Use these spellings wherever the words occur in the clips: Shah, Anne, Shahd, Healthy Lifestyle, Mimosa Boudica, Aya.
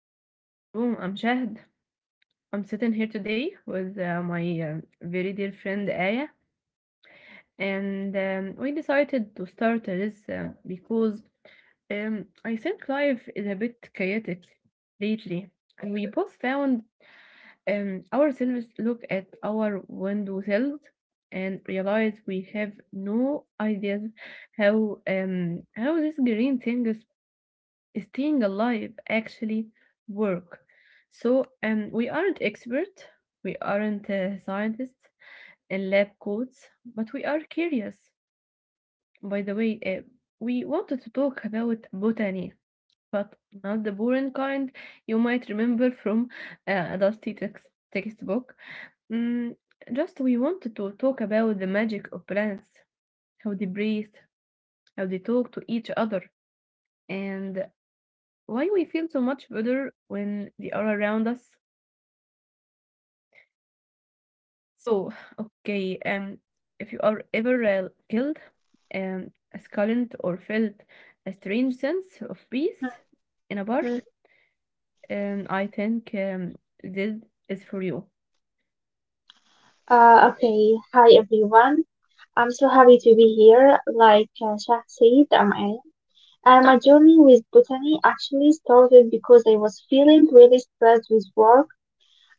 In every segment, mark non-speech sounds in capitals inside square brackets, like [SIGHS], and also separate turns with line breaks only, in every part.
Welcome to the green room. I'm Shahd. I'm sitting here today with my very dear friend Aya, and we decided to start this because I think life is a bit chaotic lately, and we both found ourselves look at our window sills and realize we have no ideas how these green things staying alive actually work. So we aren't experts, we aren't scientists in lab coats, but we are curious. By the way, we wanted to talk about botany, but not the boring kind you might remember from a dusty textbook. Mm, just we wanted to talk about the magic of plants, how they breathe, how they talk to each other, and why we feel so much better when they are around us. So, [SIGHS] okay, if you are ever killed, um, sculled or felt a strange sense of peace in a park,
Mhm.
I think this is for you.
Okay, Hi everyone. I'm so happy to be here. Like Shah said, I'm Anne. And my journey with botany actually started because I was feeling really stressed with work.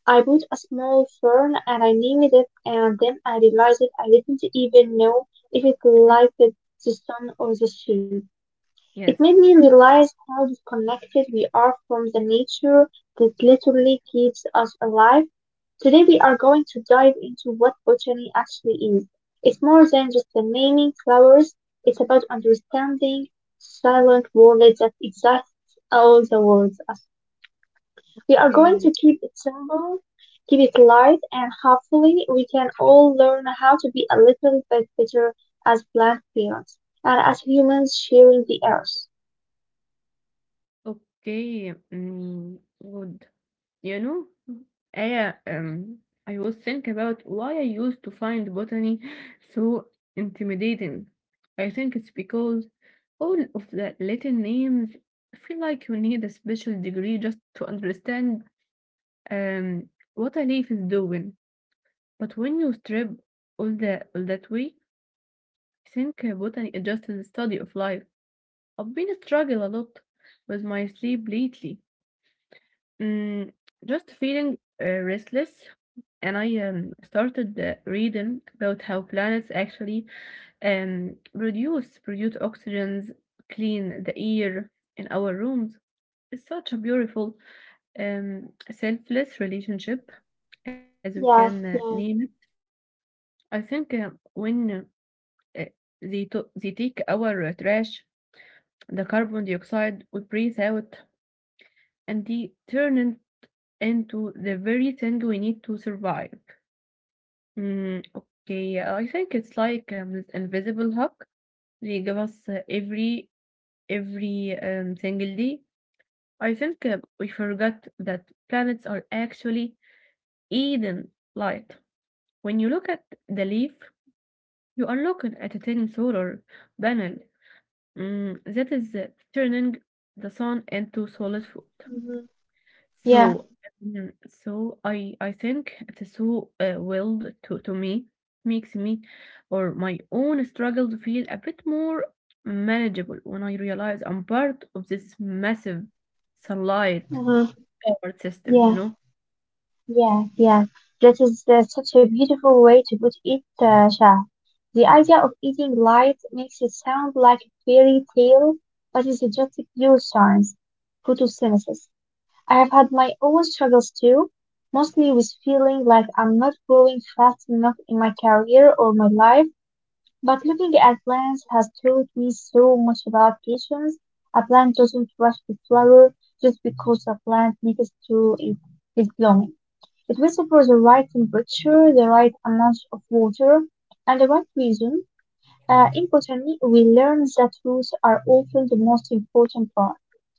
I bought a small fern and I named it, and then I realized that I didn't even know if it
Mhm.
liked the sun or the shade. It
Yes.
made me realize how disconnected we are from the nature that literally keeps us alive. Today we are going to dive into what botany actually is. It's more than just the naming flowers, it's about understanding silent world that exists all the world. We are going to keep it simple, keep it light, and hopefully we can all learn how to be a little bit better as plant parents and as humans sharing the earth.
Okay, mm, good. You know, I uh, um I was thinking about why I used to find botany [LAUGHS] so intimidating. I think it's because all of the Latin names feel like you need a special degree just to understand um what a leaf is doing. But when you strip all that way, I think botany is just the study of life. I've been struggling a lot with my sleep lately. Mm, just feeling restless, and I started reading about how planets actually produce oxygens, clean the air in our rooms. It's such a beautiful, selfless relationship, as we can
Yes,
name
yes.
it. I think when eh, they take our trash, the carbon dioxide we breathe out, and they turn it into the very thing we need to survive. Mm, okay, I think it's like this invisible hug they give us every single day. I think we forgot that planets are actually Eden light. When you look at the leaf, you are looking at a tiny solar panel that is turning the sun into solid food.
Hmm. Yeah.
So, mm, so I think the so willed to me makes me or my own struggle to feel a bit more manageable when I realize I'm part of this massive sunlight
Mm-hmm.
power system, you
Yeah.
know?
Yeah, yeah, that is such a beautiful way to put it, Shah. The idea of eating light makes it sound like a fairy tale, but it's just pure science, photosynthesis. I have had my own struggles too, mostly with feeling like I'm not growing fast enough in my career or my life, but looking at plants has taught me so much about patience. A plant doesn't rush to flower just because a plant needs to it is blooming. It whistle for the right temperature, the right amount of water, and the right reason. Importantly, we learn that roots are often the most important part.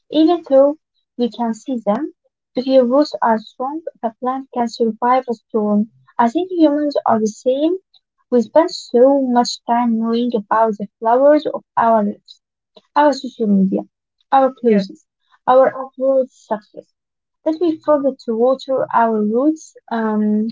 Even though we can see them, if your roots are strong, the plant can survive a storm. I think humans are the same. We spend so much time knowing about the flowers of our lives our social media, our
Yes,
clothes, our upward success, that we forget to water our roots,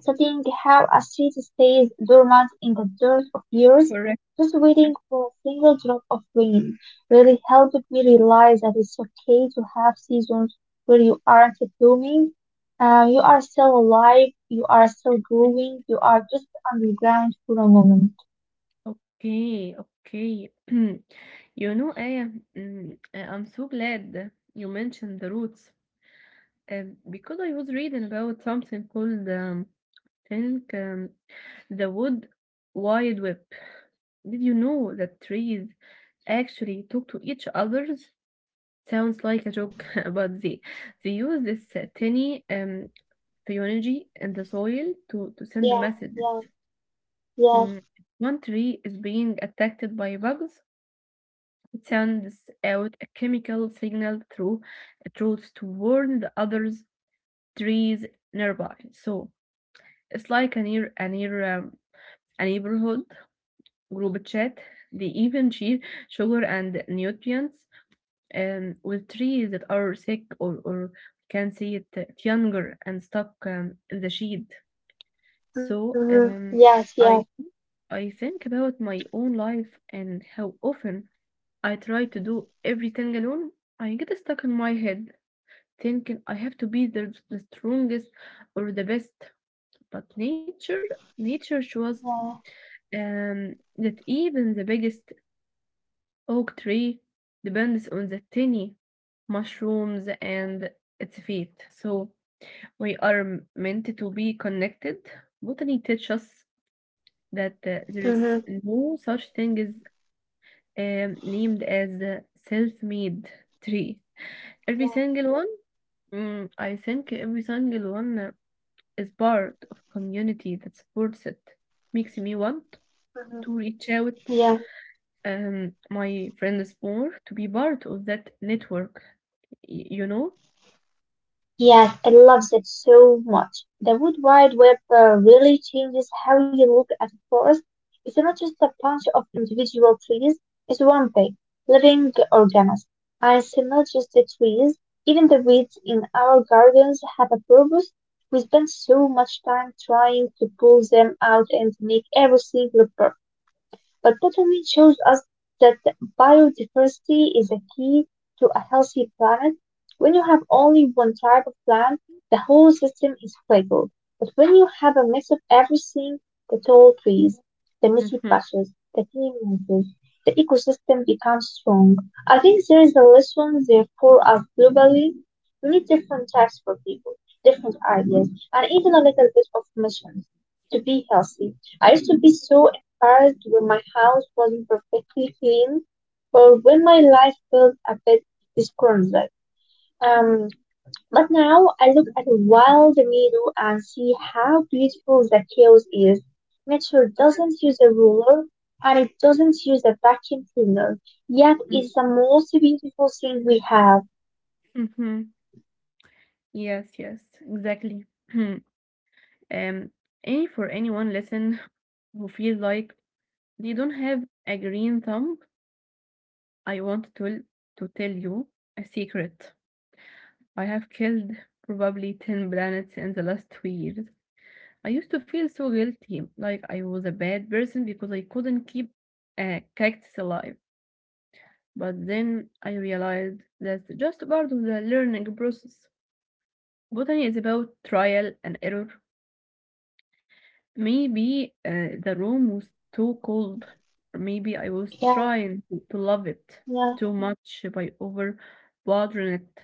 studying how a seed stays dormant in the dirt of years,
correct.
just waiting for a single drop of rain, really helped me realize that it's okay to have seasons where you aren't blooming. You are still alive, you are still
Mhm.
growing, you are just underground for a moment.
Okay, okay. [CLEARS THROAT] You know, Aya, I'm so glad you mentioned the roots because I was reading about something called think the wood wide web. Did you know that trees actually talk to each others? Sounds like a joke, [LAUGHS] but they use this tiny energy in the soil to send
Yes,
messages.
yes, yes,
Mm, if one tree is being attacked by bugs. It sends out a chemical signal through a roots to warn the others trees nearby. So it's like a neighborhood group chat. They even share sugar and nutrients with trees that are sick or can see it younger and stuck in the shade.
mm-hmm.
So
Yes, yes.
I I think about my own life and how often I try to do everything alone. I get stuck in my head thinking I have to be the strongest or the best. But nature, nature shows
Yeah.
that even the biggest oak tree depends on the tiny mushrooms and its feet. So we are meant to be connected. Botany teaches us that there
Mm-hmm.
is no such thing as named as a self-made tree. Every single one, every single one is part of a community that supports it. Makes me want
Mm-hmm.
to reach out
Yeah.
And my friend is more to be part of that network, you know?
Yes, I love that so much. The wood Wide Web really changes how you look at a forest. It's not just a bunch of individual trees, it's one big, living organism. And it's not just the trees, even the weeds in our gardens have a purpose. We spend so much time trying to pull them out and make everything look perfect. But botany shows us that biodiversity is a key to a healthy planet. When you have only one type of plant, the whole system is fragile. But when you have a mix of everything, the tall trees, the messy
Mhm,
patches, the clean mountains, the ecosystem becomes strong. I think there is a lesson there for us globally. We need different types for people, different ideas, and even a little bit of missions to be healthy. I used to be so cards when my house wasn't perfectly clean or when my life felt a bit disgruntled. Um, but now I look at a wild meadow and see how beautiful the chaos is. Nature doesn't use a ruler and it doesn't use a vacuum cleaner, yet
mm,
it's the most beautiful thing we have.
mhm. Yes, yes, exactly. [CLEARS THROAT] Hmm. Um, any for anyone listen who feels like they don't have a green thumb, I want to tell you a secret. I have killed probably 10 planets in the last 2 years. I used to feel so guilty, like I was a bad person because I couldn't keep a cactus alive. But then I realized that's just part of the learning process. Botany is about trial and error. Maybe the room was too cold. Or maybe I was
Yeah,
trying to love it
yeah,
too much by over watering it.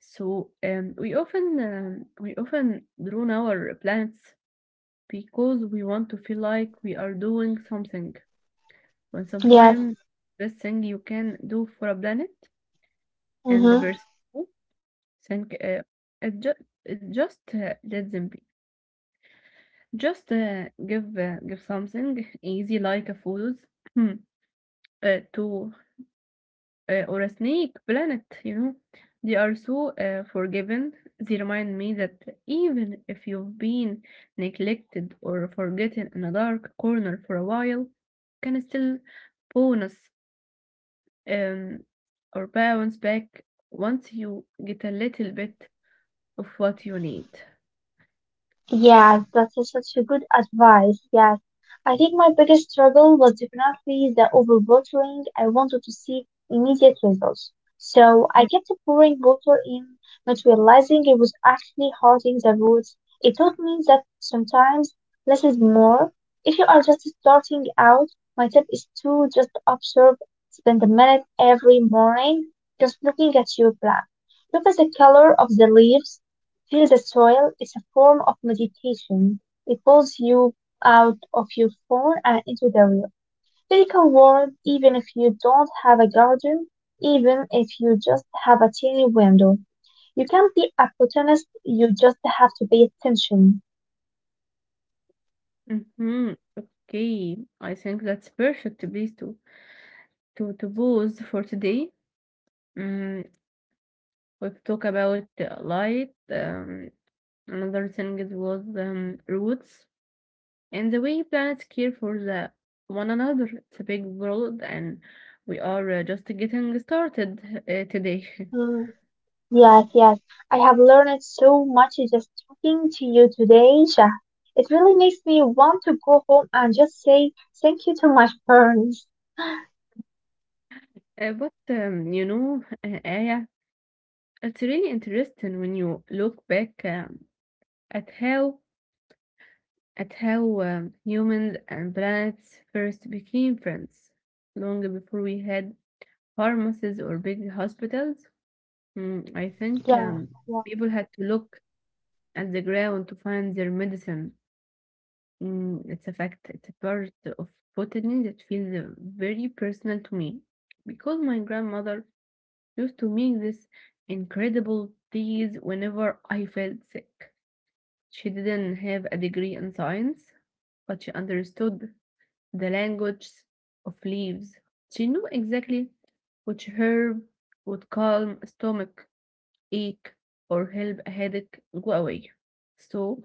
So we often drown our plants because we want to feel like we are doing something. When
yes.
sometimes best thing you can do for a planet and the
Mm-hmm.
person think it ju- it just let them be. Just give something easy like a photos [CLEARS THROAT] uh, to or a snake planet. You know, they are so forgiving. They remind me that even if you've been neglected or forgotten in a dark corner for a while, can still bonus um, or bounce back once you get a little bit of what you need.
Yes, such a good advice. Yes. I think my biggest struggle was definitely the overwatering. I wanted to see immediate results. So I kept pouring water in, not realizing it was actually hurting the roots. It taught me that sometimes less is more. If you are just starting out, my tip is to just observe, spend a minute every morning just looking at your plant. Look at the color of the leaves, feel the soil is a form of meditation. It pulls you out of your phone and into the real physical world, even if you don't have a garden, even if you just have a tiny window. You can't be a botanist, you just have to pay attention.
Mhm. Okay, I think that's perfect place to pause for today. Mm, we've talked about light. Another thing is was roots and the way planets care for the one another. It's a big world, and we are just getting started today. [LAUGHS]
Mm, yes, yes. I have learned so much just talking to you today, Shah. It really makes me want to go home and just say thank you to my parents.
But You know, Aya, it's really interesting when you look back at how at how humans and planets first became friends, long before we had pharmacies or big hospitals. Mm, I think
Yeah, yeah.
people had to look at the ground to find their medicine. Mm, it's a fact. It's a part of botany that feels very personal to me because my grandmother used to make this incredible teas whenever I felt sick. She didn't have a degree in science, but she understood the language of leaves. She knew exactly which herb would calm a stomach ache or help a headache go away. So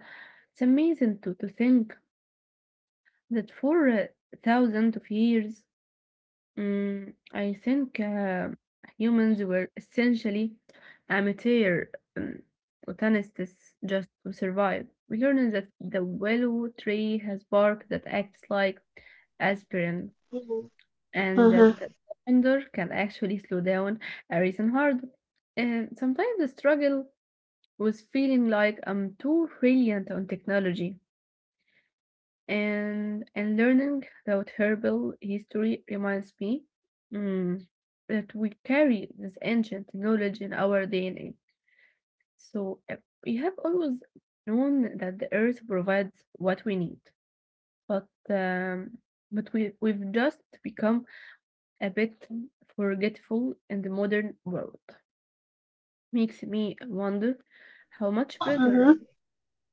it's amazing to think that for thousands of years Mm, I think humans were essentially amateur um, botanists just to survive. We learned that the willow tree has bark that acts like aspirin, and that
Mm-hmm.
the thunder can actually slow down a racing heart. And sometimes the struggle was feeling like I'm too reliant on technology and learning about herbal history reminds me mm, that we carry this ancient knowledge in our DNA. So we have always known that the earth provides what we need, but we've just become a bit forgetful in the modern world. Makes me wonder how much better
Mm-hmm.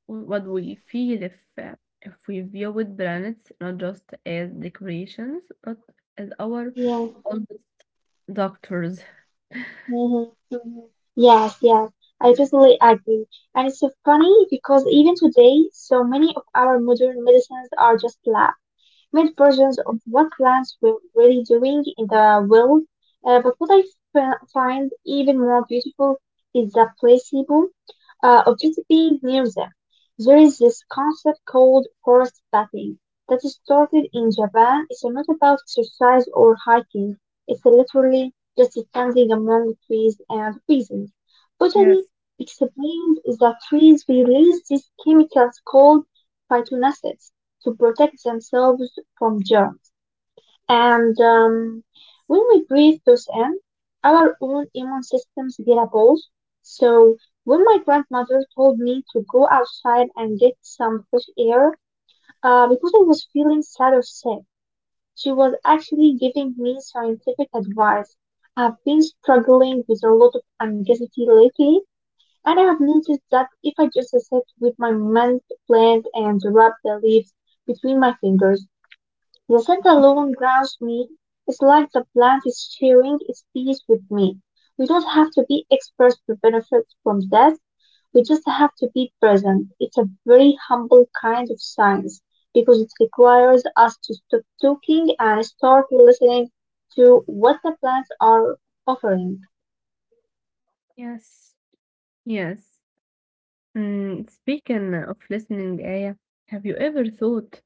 what we feel if we view with planets not just as decorations but as our
Yeah.
oldest doctors?
Hmm. Hmm. Yes, yes. I totally agree. And it's so funny because even today, so many of our modern medicines are just lab made versions of what plants were really doing in the world. But what I find even more beautiful is the placebo. Uh, objectively near them. There is this concept called forest bathing that is started in Japan. It's not about exercise or hiking. It's literally just standing among trees and breathing. Botany
Yes,
explained that trees release these chemicals called phytonutrients to protect themselves from germs. And when we breathe those in, our own immune systems get a boost. So when my grandmother told me to go outside and get some fresh air, because I was feeling sad or sick, she was actually giving me scientific advice. I've been struggling with a lot of anxiety lately, and I have noticed that if I just sit with my mind plant and rub the leaves between my fingers, the standalone ground meat is like the plant is sharing its peace with me. We don't have to be experts to benefit from that. We just have to be present. It's a very humble kind of science because it requires us to stop talking and start listening to what the plants are offering.
yes. Yes. Mm, speaking of listening, Aya, have you ever thought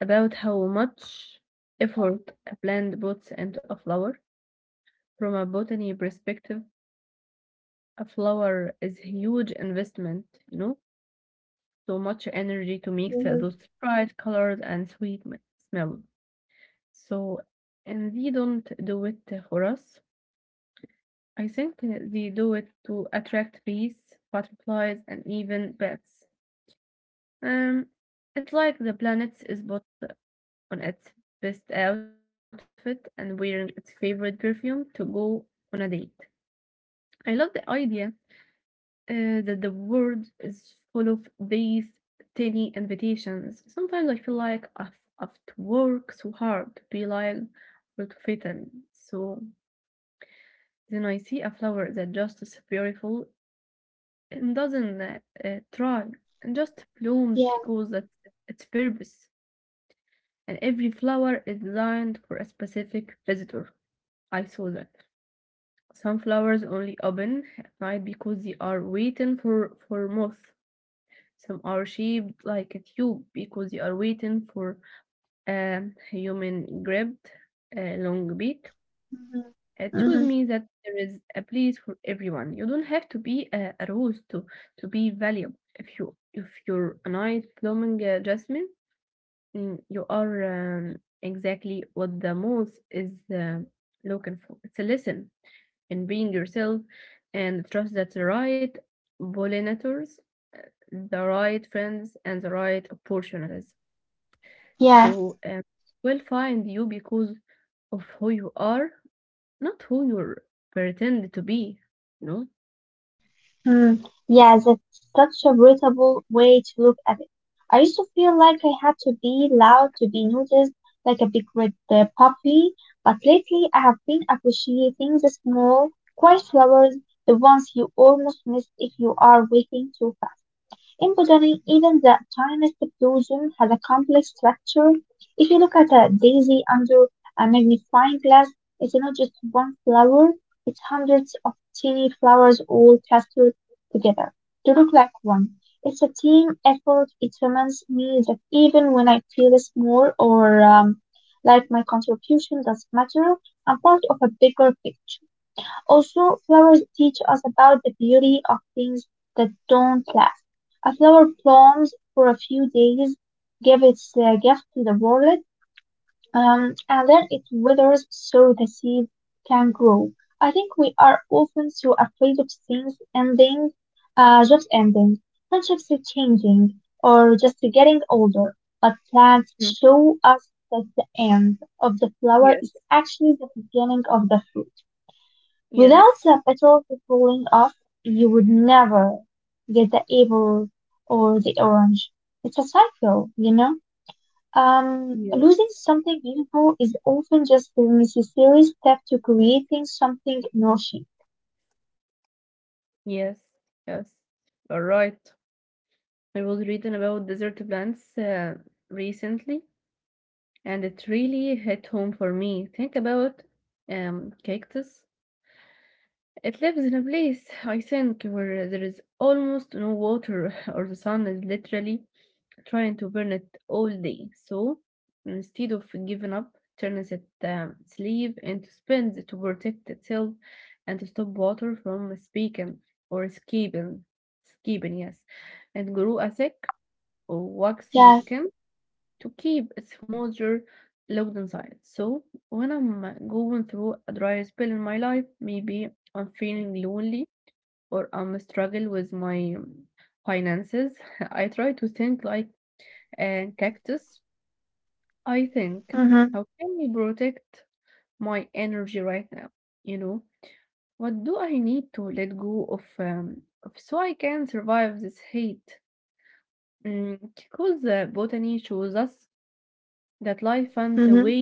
about how much effort a plant puts into a flower? From a botany perspective, a flower is a huge investment, you know? So much energy to mix
Mhm.
those bright colors and sweet smell. So, and they don't do it for us. I think they do it to attract bees, butterflies, and even bats. Um, it's like the planet is put on its best outfit and wearing its favorite perfume to go on a date. I love the idea that the world is full of these tiny invitations. Sometimes I feel like I've to work so hard to be like or to fit in. So then I see a flower that just is beautiful and doesn't try and just blooms
Yeah.
because that's its purpose. And every flower is designed for a specific visitor. I saw that. Some flowers only open at night because they are waiting for moth. Some are shaped like a tube because they are waiting for a human grabbed a long beak.
Mhm.
Choose
Mm-hmm.
means that there is a place for everyone. You don't have to be a rose to be valuable. If you if you're a nice blooming jasmine, mm, you are um, exactly what the moth is looking for. It's a lesson in being yourself and trust that the right pollinators, the right friends, and the right opportunities So will find you because of who you are not who you pretend to be, you know?
Mm, yeah, that's such a brutal way to look at it. I used to feel like I had to be loud to be noticed, like a big red puppy. But lately, I have been appreciating the small, quiet flowers, the ones you almost miss if you are waiting too fast. In Embroidering, even the tiniest blossom has a complex structure. If you look at a daisy under a magnifying glass, it's not just one flower, it's hundreds of tiny flowers all clustered together to look like one. It's a team effort. It reminds me that even when I feel small or like my contribution doesn't matter, I'm part of a bigger picture. Also, flowers teach us about the beauty of things that don't last. A flower blooms for a few days, gives its gift to the world, and then it withers so the seed can grow. I think we are often so afraid of things ending, jobs ending, friendships changing, or just getting older. But plants
Mm.
show us that the end of the flower
Yes.
is actually the beginning of the fruit. Without
Yes.
the petals falling off, you would never get the apple or the orange. It's a cycle, you know? Losing
Yes.
something beautiful is often just the necessary step to creating something nourishing.
Yes, yes. All right. I was reading about desert plants recently, and it really hit home for me. Think about cactus. It lives in a place, I think, where there is almost no water [LAUGHS] or the sun is literally trying to burn it all day. So instead of giving up, turns its sleeve into spins to protect itself and to stop water from speaking or escaping, escaping yes, and grow a thick or waxy
Yes,
skin to keep its moisture locked inside. So when I'm going through a dry spell in my life, maybe I'm feeling lonely or I'm struggling with my finances, [LAUGHS] I try to think like and cactus, I think,
mm-hmm,
how can I protect my energy right now? You know, what do I need to let go of so I can survive this heat? Because botany shows us that life finds a
mm-hmm.
way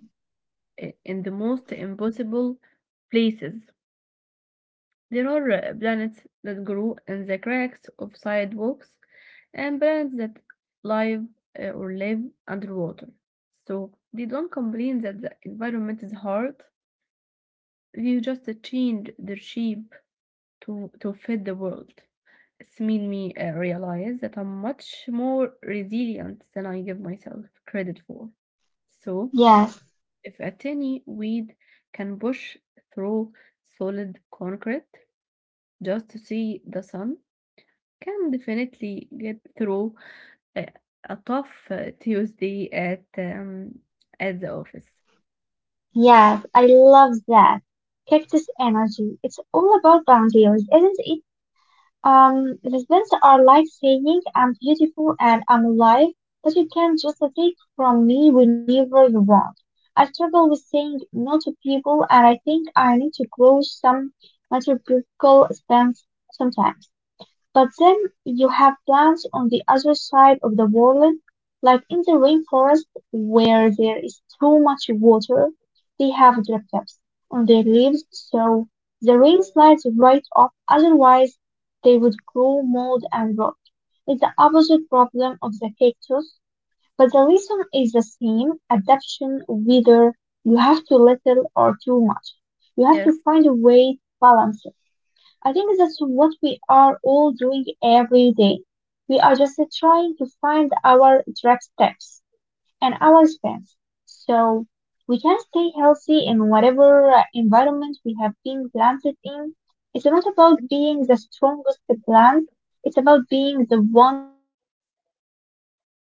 in the most impossible places. There are planets that grow in the cracks of sidewalks and planets that live or live underwater. So they don't complain that the environment is hard. They just change their shape to fit the world. It's made me realize that I'm much more resilient than I give myself credit for. So
Yes,
if a tiny weed can push through solid concrete just to see the sun, can definitely get through a tough Tuesday at the office.
yes, I love that. Cactus energy. It's all about boundaries, isn't it? Resents are like saying, I'm beautiful and I'm alive, but you can just take from me whenever you want. I struggle with saying no to people, and I think I need to grow some metaphorical stance sometimes. But then you have plants on the other side of the world, like in the rainforest where there is too much water, they have driplets on their leaves so the rain slides right off, otherwise they would grow mold and rot. It's the opposite problem of the cactus, but the reason is the same, adaptation, whether you have too little or too much. You have
Yes,
to find a way to balance it. I think that's what we are all doing every day. We are just trying to find our direct steps and our spans so we can stay healthy in whatever environment we have been planted in. It's not about being the strongest plant, it's about being the one that can adjust the best.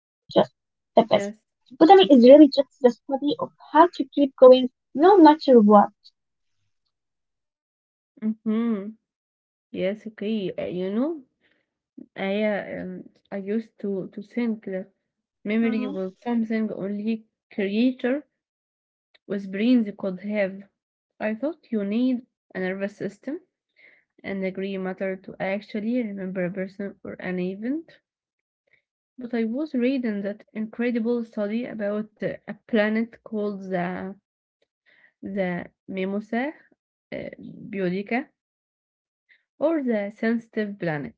Botany is really
yes.
just the study of how to keep going no matter what.
Mm-hmm. Yes, okay. You know, I uh, um, I used to think that memory
Mm-hmm.
was something only creator with brains could have. I thought you need a nervous system and a gray matter to actually remember a person or an event. But I was reading that incredible study about a planet called the Mimosa uh, Boudica or the sensitive planet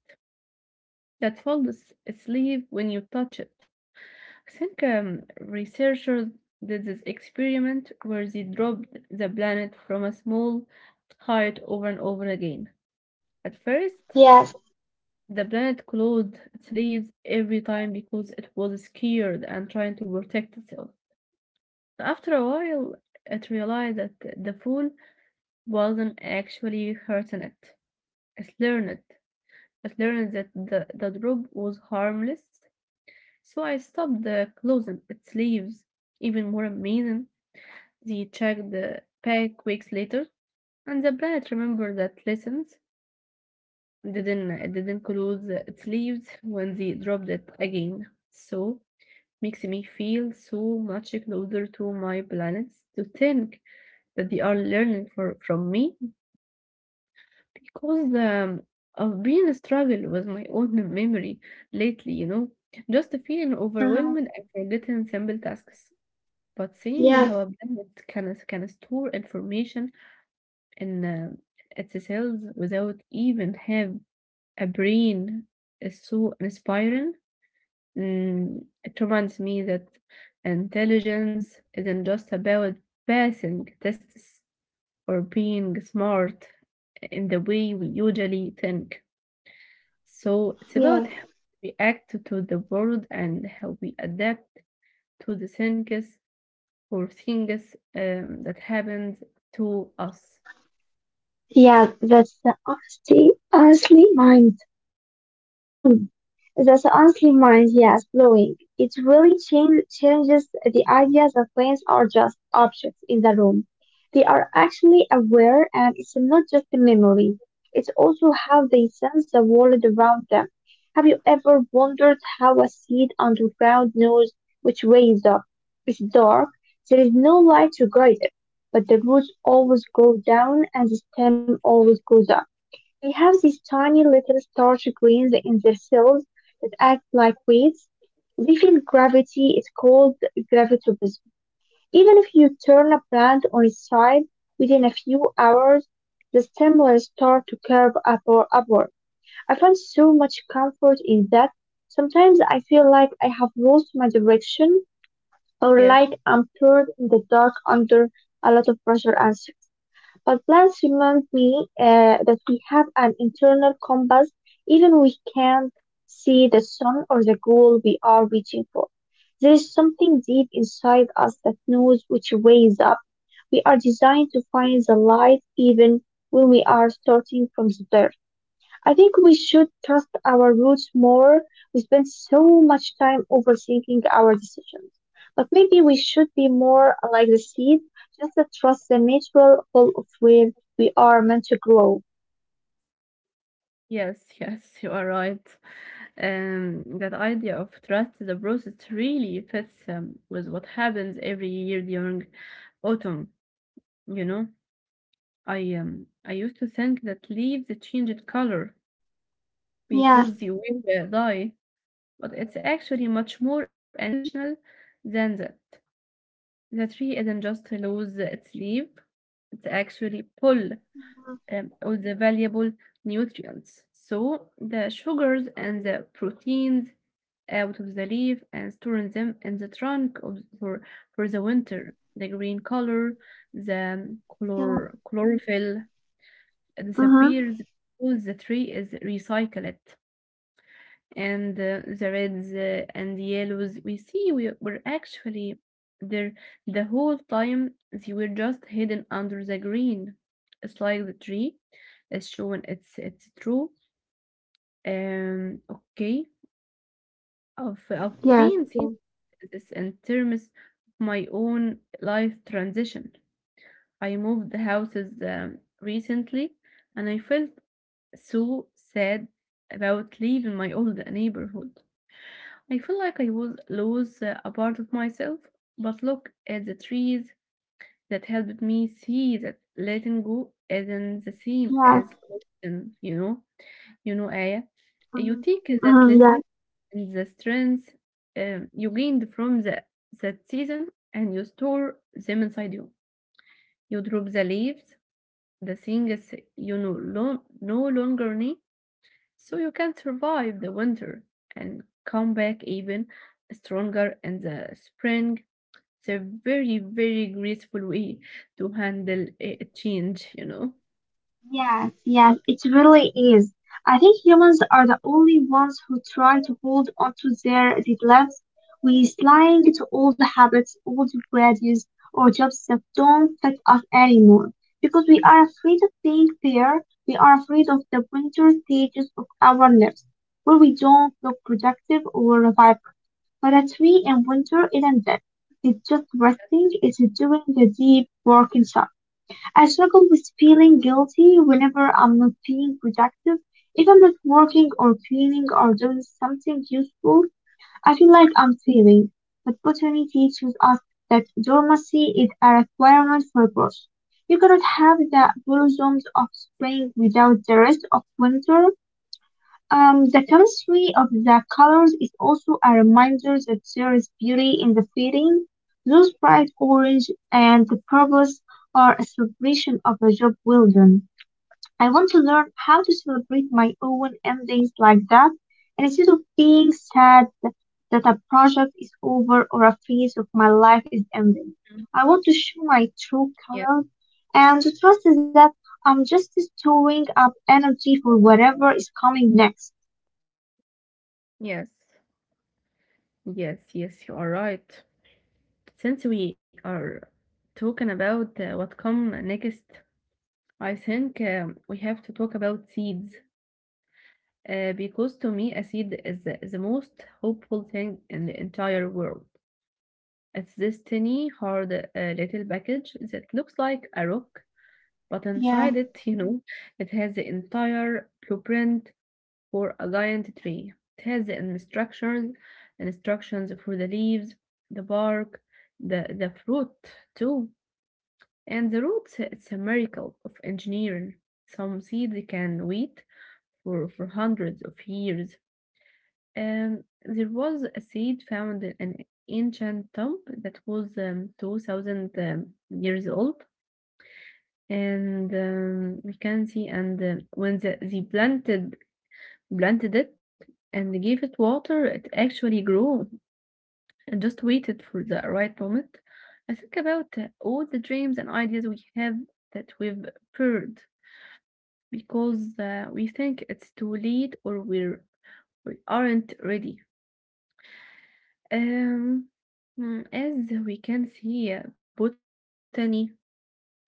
that falls asleep when you touch it. I think researchers did this experiment where they dropped the planet from a small height over and over again. At first,
Yes.
the planet closed its leaves every time because it was scared and trying to protect itself. After a while, it realized that the fool wasn't actually hurting it. It learned. It learned that the drop was harmless, so I stopped closing its leaves. Even more amazing, they checked the pack weeks later, and the plant remembered that lessons. It didn't close its leaves when they dropped it again. So, makes me feel so much closer to my planets to think that they are learning from me because I've been struggling with my own [LAUGHS] memory lately, you know, just feeling
Mm-hmm.
overwhelmed and forgetting simple tasks. But seeing how
Yes,
a planet can store information in its cells without even have a brain is so inspiring. It reminds me that intelligence isn't just about passing tests or being smart in the way we usually think. So it's about
yes.
how we react to the world and how we adapt to the things or things that happens to us.
Yeah, honestly mind. [CLEARS THROAT] That's honestly mind, yes, blowing. It really changes the idea that planes are just objects in the room. They are actually aware and it's not just a memory. It's also how they sense the world around them. Have you ever wondered how a seed underground knows which way is up? It's dark, there is no light to guide it, but the roots always go down and the stem always goes up. They have these tiny little starchy grains in their cells that act like weights. They feel gravity. It's called gravitobism. Even if you turn a plant on its side within a few hours, the stem will start to curve up or upward. I find so much comfort in that. Sometimes I feel like I have lost my direction, or
Yes,
like I'm pulled in the dark under a lot of pressure and but plants remind me that we have an internal compass, even we can't see the sun or the goal we are reaching for. There is something deep inside us that knows which way is up. We are designed to find the light even when we are starting from the dark. I think we should trust our roots more. We spend so much time overthinking our decisions. But maybe we should be more like the seed, just to trust the natural flow of where we are meant to grow.
yes, [LAUGHS] yes, you are right. That idea of trust the process really fits with what happens every year during autumn. You know, I used to think that leaves changed color
Yes.
because they will die, but it's actually much more intentional than that. The tree isn't just lose its leaf, it actually pull all the valuable nutrients. So the sugars and the proteins out of the leaf and storing them in the trunk for the winter. The green color, the color, chlorophyll
Mm-hmm.
disappears because the tree is recycled and the reds and the yellows we see we were actually there the whole time. They were just hidden under the green. It's like the tree is shown it's true. Um okay I've I've
Yes.
been seeing
Yes.
this in terms of my own life transition. I moved the houses recently and I felt so sad about leaving my old neighborhood. I feel like I was lose a part of myself, but look at the trees that helped me see that letting go isn't the same
Yes.
as letting, you know. You know, Aya, you take that
Mm-hmm.
lesson and the strength you gained from that season and you store them inside you. You drop the leaves, the things you no longer need so you can survive the winter and come back even stronger in the spring. It's a very, very graceful way to handle a change, you know.
Yes, yes, it really is. I think humans are the only ones who try to hold on to their relatives. We slide to old habits, old values, or jobs that don't fit us anymore. Because we are afraid of being fair, we are afraid of the winter stages of our lives, where we don't look productive or vibrant. But a tree in winter isn't dead. It's just resting, it's doing the deep work inside. I struggle with feeling guilty whenever I'm not being productive. If I'm not working or cleaning or doing something useful, I feel like I'm failing. But botany teaches us that dormancy is a requirement for growth. You cannot have the blossoms of spring without the rest of winter. The chemistry of the colors is also a reminder that there is beauty in the fading. Those bright orange and the purples are a celebration of a job well done. I want to learn how to celebrate my own endings like that, and instead of being sad that a project is over or a phase of my life is
Mm.
ending. I want to show my
Yeah.
true colors and to trust that I'm just storing up energy for whatever is coming next.
Yes. Yes. Yes. You are right. Since we are talking about what come next, I think we have to talk about seeds because to me a seed is the most hopeful thing in the entire world. It's this tiny, hard little package that looks like a rock, but
Yeah,
inside it, [LAUGHS] you know, it has the entire blueprint for a giant tree. It has the instructions for the leaves, the bark, the fruit too. And the roots, it's a miracle of engineering. Some seeds can wait for hundreds of years. There was a seed found in an ancient tomb that was 2000 years old. And we can see, and when the, they planted it and gave it water, it actually grew and just waited for the right moment. I think about all the dreams and ideas we have that we've heard because we think it's too late or we aren't ready. Um, mm, as we can see, botany tells us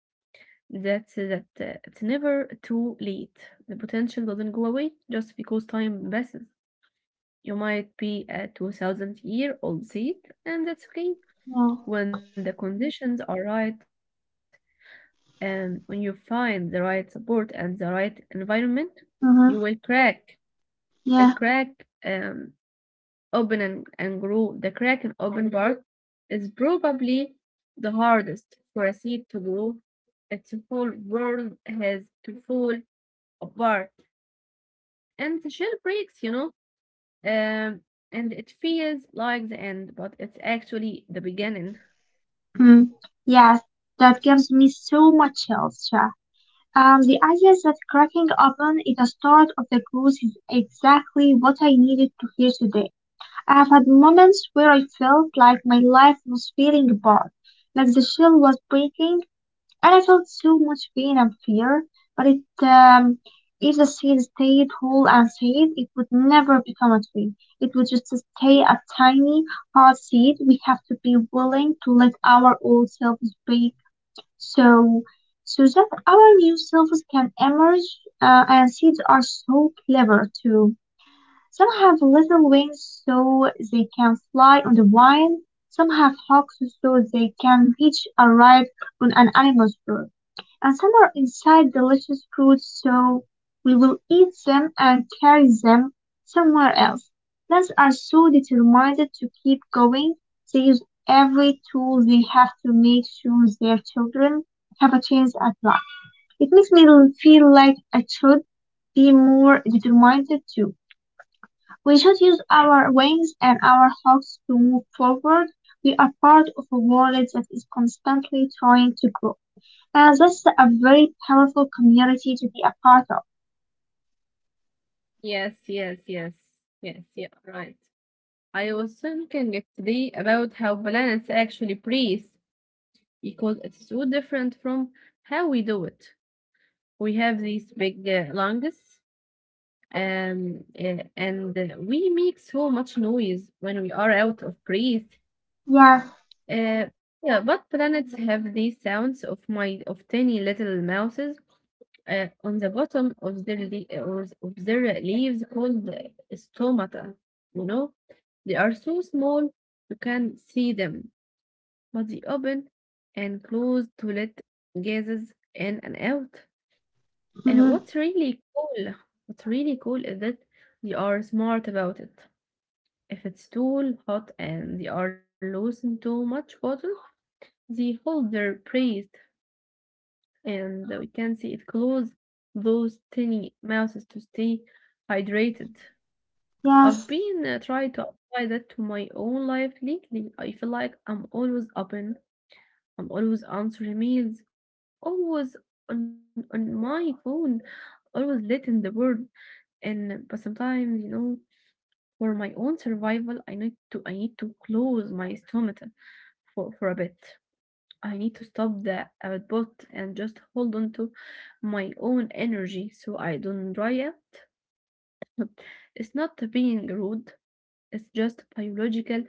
that it's never too late. The potential doesn't go away just because time passes. You might be a 2000-year-old seed, and that's okay
yeah,
when the conditions are right and when you find the right support and the right environment. You will
mm-hmm,
crack. You will
yeah,
crack. Open and grow. The crack in open part is probably the hardest for a seed to grow. Its whole world has to fall apart, and the shell breaks, you know, um, and it feels like the end, but it's actually the beginning.
mm, yes, that gives me so much chills, yeah. The idea that cracking open is the start of the cruise is exactly what I needed to hear today. I have had moments where I felt like my life was falling apart, like the shell was breaking, and I felt so much pain and fear, but if the seed stayed whole and safe, it would never become a tree. It would just stay a tiny, hard seed. We have to be willing to let our old selves break so, so that our new selves can emerge. And seeds are so clever too. Some have little wings so they can fly on the wind. Some have hooks so they can reach a ride on an animal's birth, and some are inside delicious fruits so we will eat them and carry them somewhere else. Plants are so determined to keep going, they use every tool they have to make sure their children have a chance at life. It makes me feel like I should be more determined too. We should use our wings and our hawks to move forward. We are part of a world that is constantly trying to grow. That's a very powerful community to be a part of.
Yes, yes, yes, yes, yeah, right. I was thinking it today about how planets actually breathe because it's so different from how we do it. We have these big lungs and we make so much noise when we are out of breath.
Yes.
Uh, yeah, but planets have the sounds of my of tiny little mouses on the bottom of their leaves called stomata. You know, they are so small you can see them, but they open and close to let gases in and out.
Hmm.
What's really cool? What's really cool is that they are smart about it. If it's too hot and they are losing too much water, they hold their breath and we can see it close those tiny mouths to stay hydrated. I've
Yes.
been trying to apply that to my own life lately. I feel like I'm always open, I'm always answering emails, always on my phone, always letting the world and but sometimes you know for my own survival I need to close my stomach for a bit. I need to stop the output and just hold on to my own energy so I don't dry out. [LAUGHS] It's not being rude, it's just biological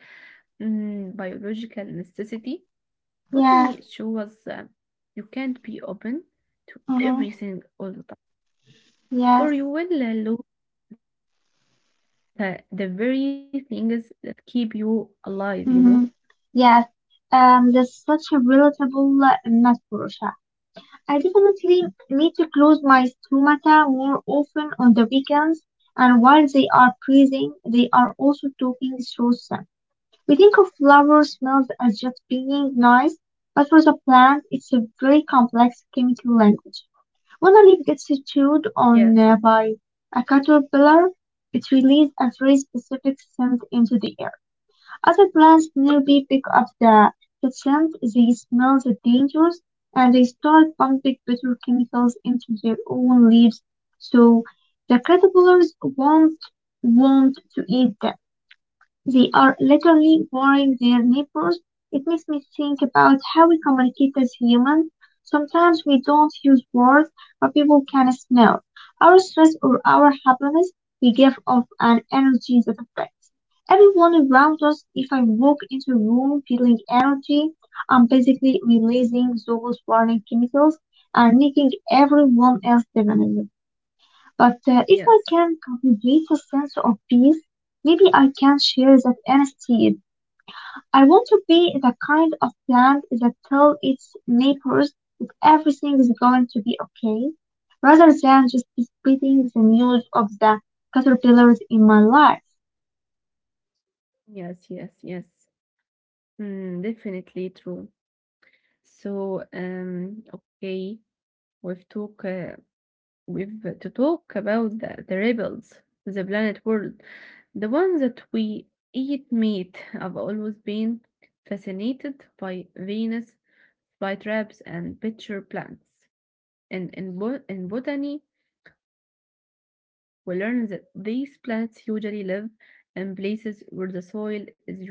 mm, biological necessity.
Yes.
Botany shows you can't be open to
Hmm.
everything all the time,
Yes.
or you will lose the very things that keep you alive, you know?
Hmm. Yes. That's such a relatable metaphor. I definitely need to close my stomata more often on the weekends. And while they are breathing, they are also talking through them. We think of flower smells as just being nice, but for the plant, it's a very complex chemical language. When a leaf gets
Yes,
chewed on by a caterpillar, it releases a very specific scent into the air. Other plants nearby pick up the scent, they smell the dangers, and they start pumping bitter chemicals into their own leaves so the caterpillars won't want to eat them. They are literally warring their neighbors. It makes me think about how we communicate as humans. Sometimes we don't use words, but people can smell our stress or our happiness. We give off an energy that affects everyone around us. If I walk into a room feeling energy, I'm basically releasing those warning chemicals and making everyone else different. But if I
yes,
can cultivate a sense of peace, maybe I can share that instead. I want to be the kind of plant that tells its neighbors that everything is going to be okay, rather than just spreading the news of the caterpillars in my life.
yes, yes, yes. Mm, definitely true. So, okay, we've talk, uh, we've to talk about the rebels, the planet world, the one that we eat meat. [LAUGHS] I've always been fascinated by Venus flytraps and pitcher plants. In botany, we learn that these plants usually live in places where the soil is really poor.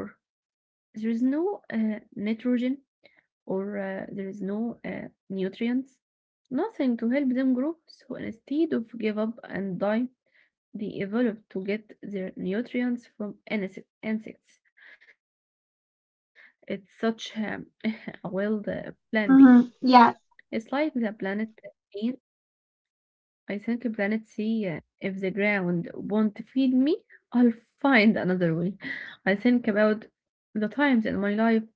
There is no nitrogen or there is no nutrients, nothing to help them grow. So instead of give up and die, they evolve to get their nutrients from insects. It's such [LAUGHS] a wild plan B.
Mm-hmm.
It's like the
Yes,
planet C. I think planet C, if the ground won't feed me, I'll find another way. I think about the times in my life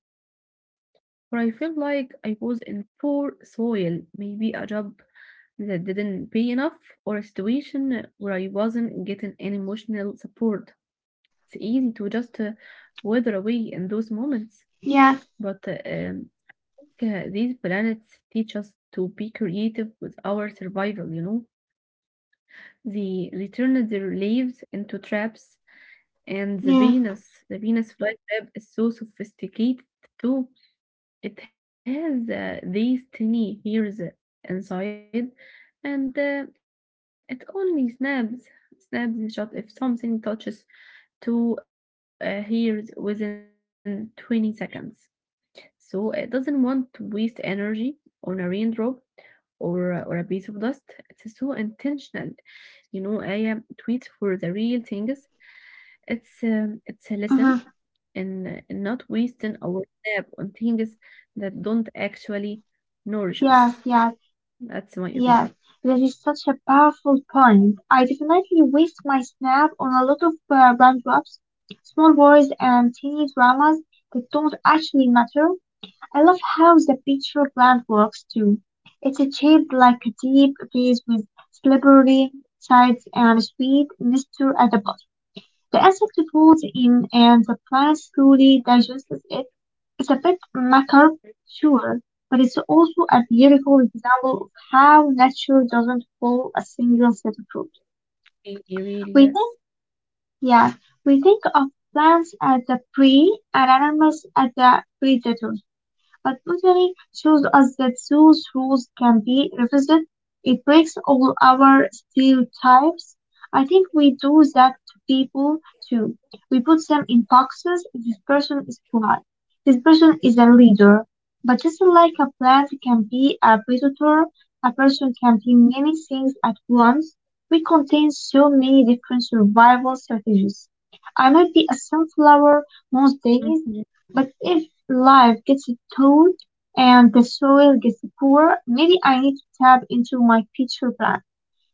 where I felt like I was in poor soil, maybe a job that didn't pay enough or a situation where I wasn't getting any emotional support. It's easy to just wither away in those moments,
yes,
but these planets teach us to be creative with our survival, you know. They turned their leaves into traps, and
yeah.
The Venus flytrap is so sophisticated too. It has these tiny hairs inside, and it only snaps shut if something touches two hairs within 20 seconds. So it doesn't want to waste energy on a raindrop or a piece of dust. It's so intentional, you know. I am tweets for the real things. It's a lesson
Mm-hmm.
in not wasting our snap on things that don't actually nourish us.
Yes, yes.
That's what you mean.
Yes, that is such a powerful point. I definitely waste my snap on a lot of roundups, small wars, and teeny dramas that don't actually matter. I love how the picture plan works too. It's shaped like a deep vase with slippery sides and a sweet nectar at the bottom. The acid falls in and the plant slowly digests it. It's a bit macabre, sure, but it's also a beautiful example of how nature doesn't follow a single set of rules. We
Really,
think,
really, yes.
yeah, we think of plants as the prey and animals as the predators. But botany shows us that those rules can be revisited. It breaks all our stereotypes. I think we do that to people too. We put them in boxes. This person is polite. This person is a leader. But just like a plant can be a predator, a person can be many things at once. We contain so many different survival strategies. I might be a sunflower
Mhm.
most days, but if life gets tough and the soil gets poor, maybe I need to tap into my future plan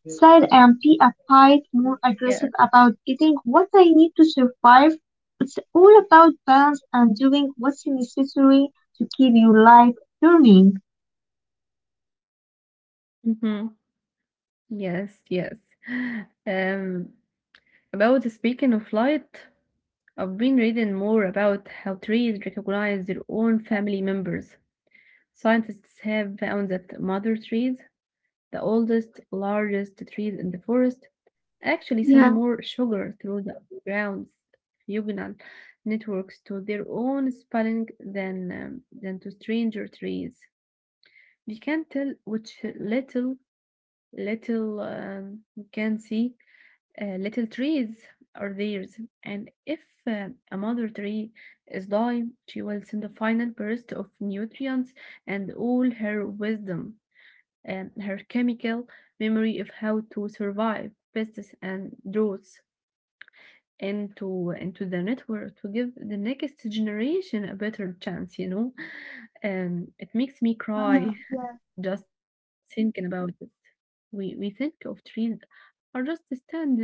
side and be a bit more
Yes.
aggressive about getting what I need to survive. It's all about balance and doing what's necessary to keep your life turning.
Mhm. Yes, yes. Um, about speaking of light, I've been reading more about how trees recognize their own family members. Scientists have found that mother trees, the oldest, largest trees in the forest, actually send
Yeah.
more sugar through the ground's fugal networks to their own spelling than to stranger trees. You can tell which little you can see little trees are theirs, and if a mother tree is dying, she will send a final burst of nutrients and all her wisdom, and her chemical memory of how to survive pests and droughts into the network to give the next generation a better chance, you know? It makes me cry
Ah, yeah.
[LAUGHS] just thinking about it. We think of trees are just stand there.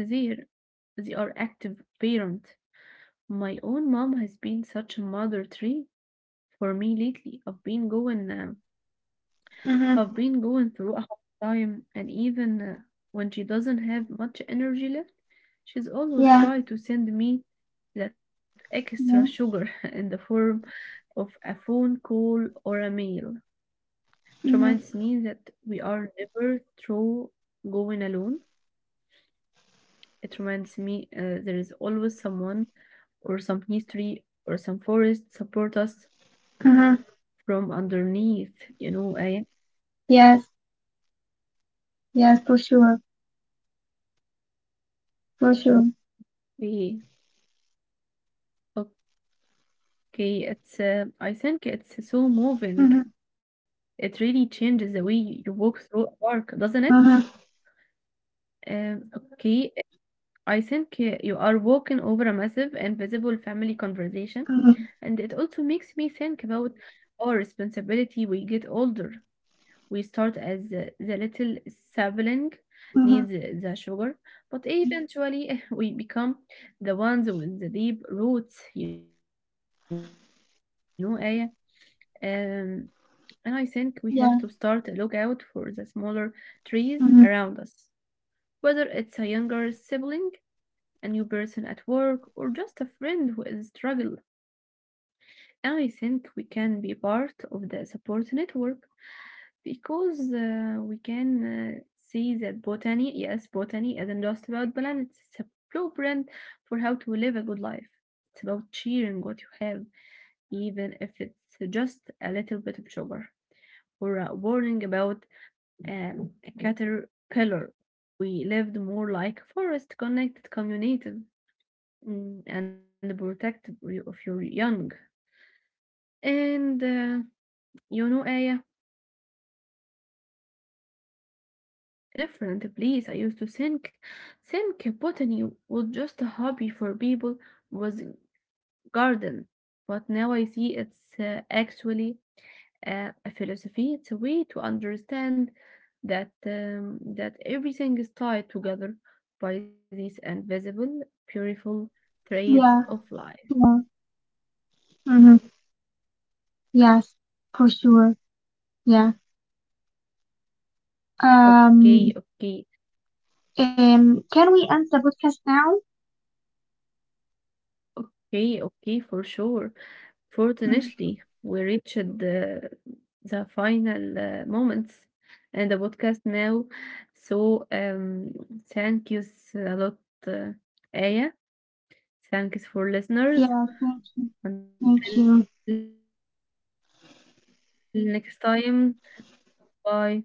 They are active parent. My own mom has been such a mother tree for me lately. I've been going
Mm-hmm.
have been going through a hard time, and even when she doesn't have much energy left, she's always
Yeah.
trying to send me that
Mm-hmm.
extra sugar [LAUGHS] in the form of a phone call or a mail. It reminds me that we are never through going alone. It reminds me there is always someone or some history or some forest support us
Mm-hmm.
from underneath, you know, Aya.
Yes. Yes. For sure. For sure.
Yeah. Okay, it's I think it's so moving.
Mm-hmm.
It really changes the way you walk through a park, doesn't it?
Mm-hmm.
Um, okay, I think you are walking over a massive invisible family conversation,
Mm-hmm.
and it also makes me think about our responsibility we get older. We start as the little sibling needs the sugar, but eventually [LAUGHS] we become the ones with the deep roots, you know, Aya. Um, And I think we have to start a lookout for the
Yeah.
smaller trees around us, whether
Mm-hmm.
it's a younger sibling, a new person at work, or just a friend who is struggling. And I think we can be part of the support network because we can see that botany, yes, botany isn't just about planets, it's a blueprint for how to live a good life. It's about cheering what you have, even if it's just a little bit of sugar for a warning about a caterpillar. We lived more like a forest, connected, communicative, mm, and protective of your young. And you know, Aya, uh, the world would be such a different place. I used to think botany was just a hobby for people, was garden, but now I see it's actually a philosophy. It's a way to understand that everything is tied together by these invisible, beautiful threads of
Yeah.
life.
Yeah. Mm-hmm.
You
Yes,
agree with
for
me?
sure. Yeah.
Okay,
Um,
okay,
can we end the podcast now?
okay, okay, for sure.
Mhm.
Fortunately, we reached the final moments and the podcast now. So thank you s- a lot, uh,
Yeah,
Aya.
thank you. Thank you.
Thanks for listeners. Until Mm. next time, bye.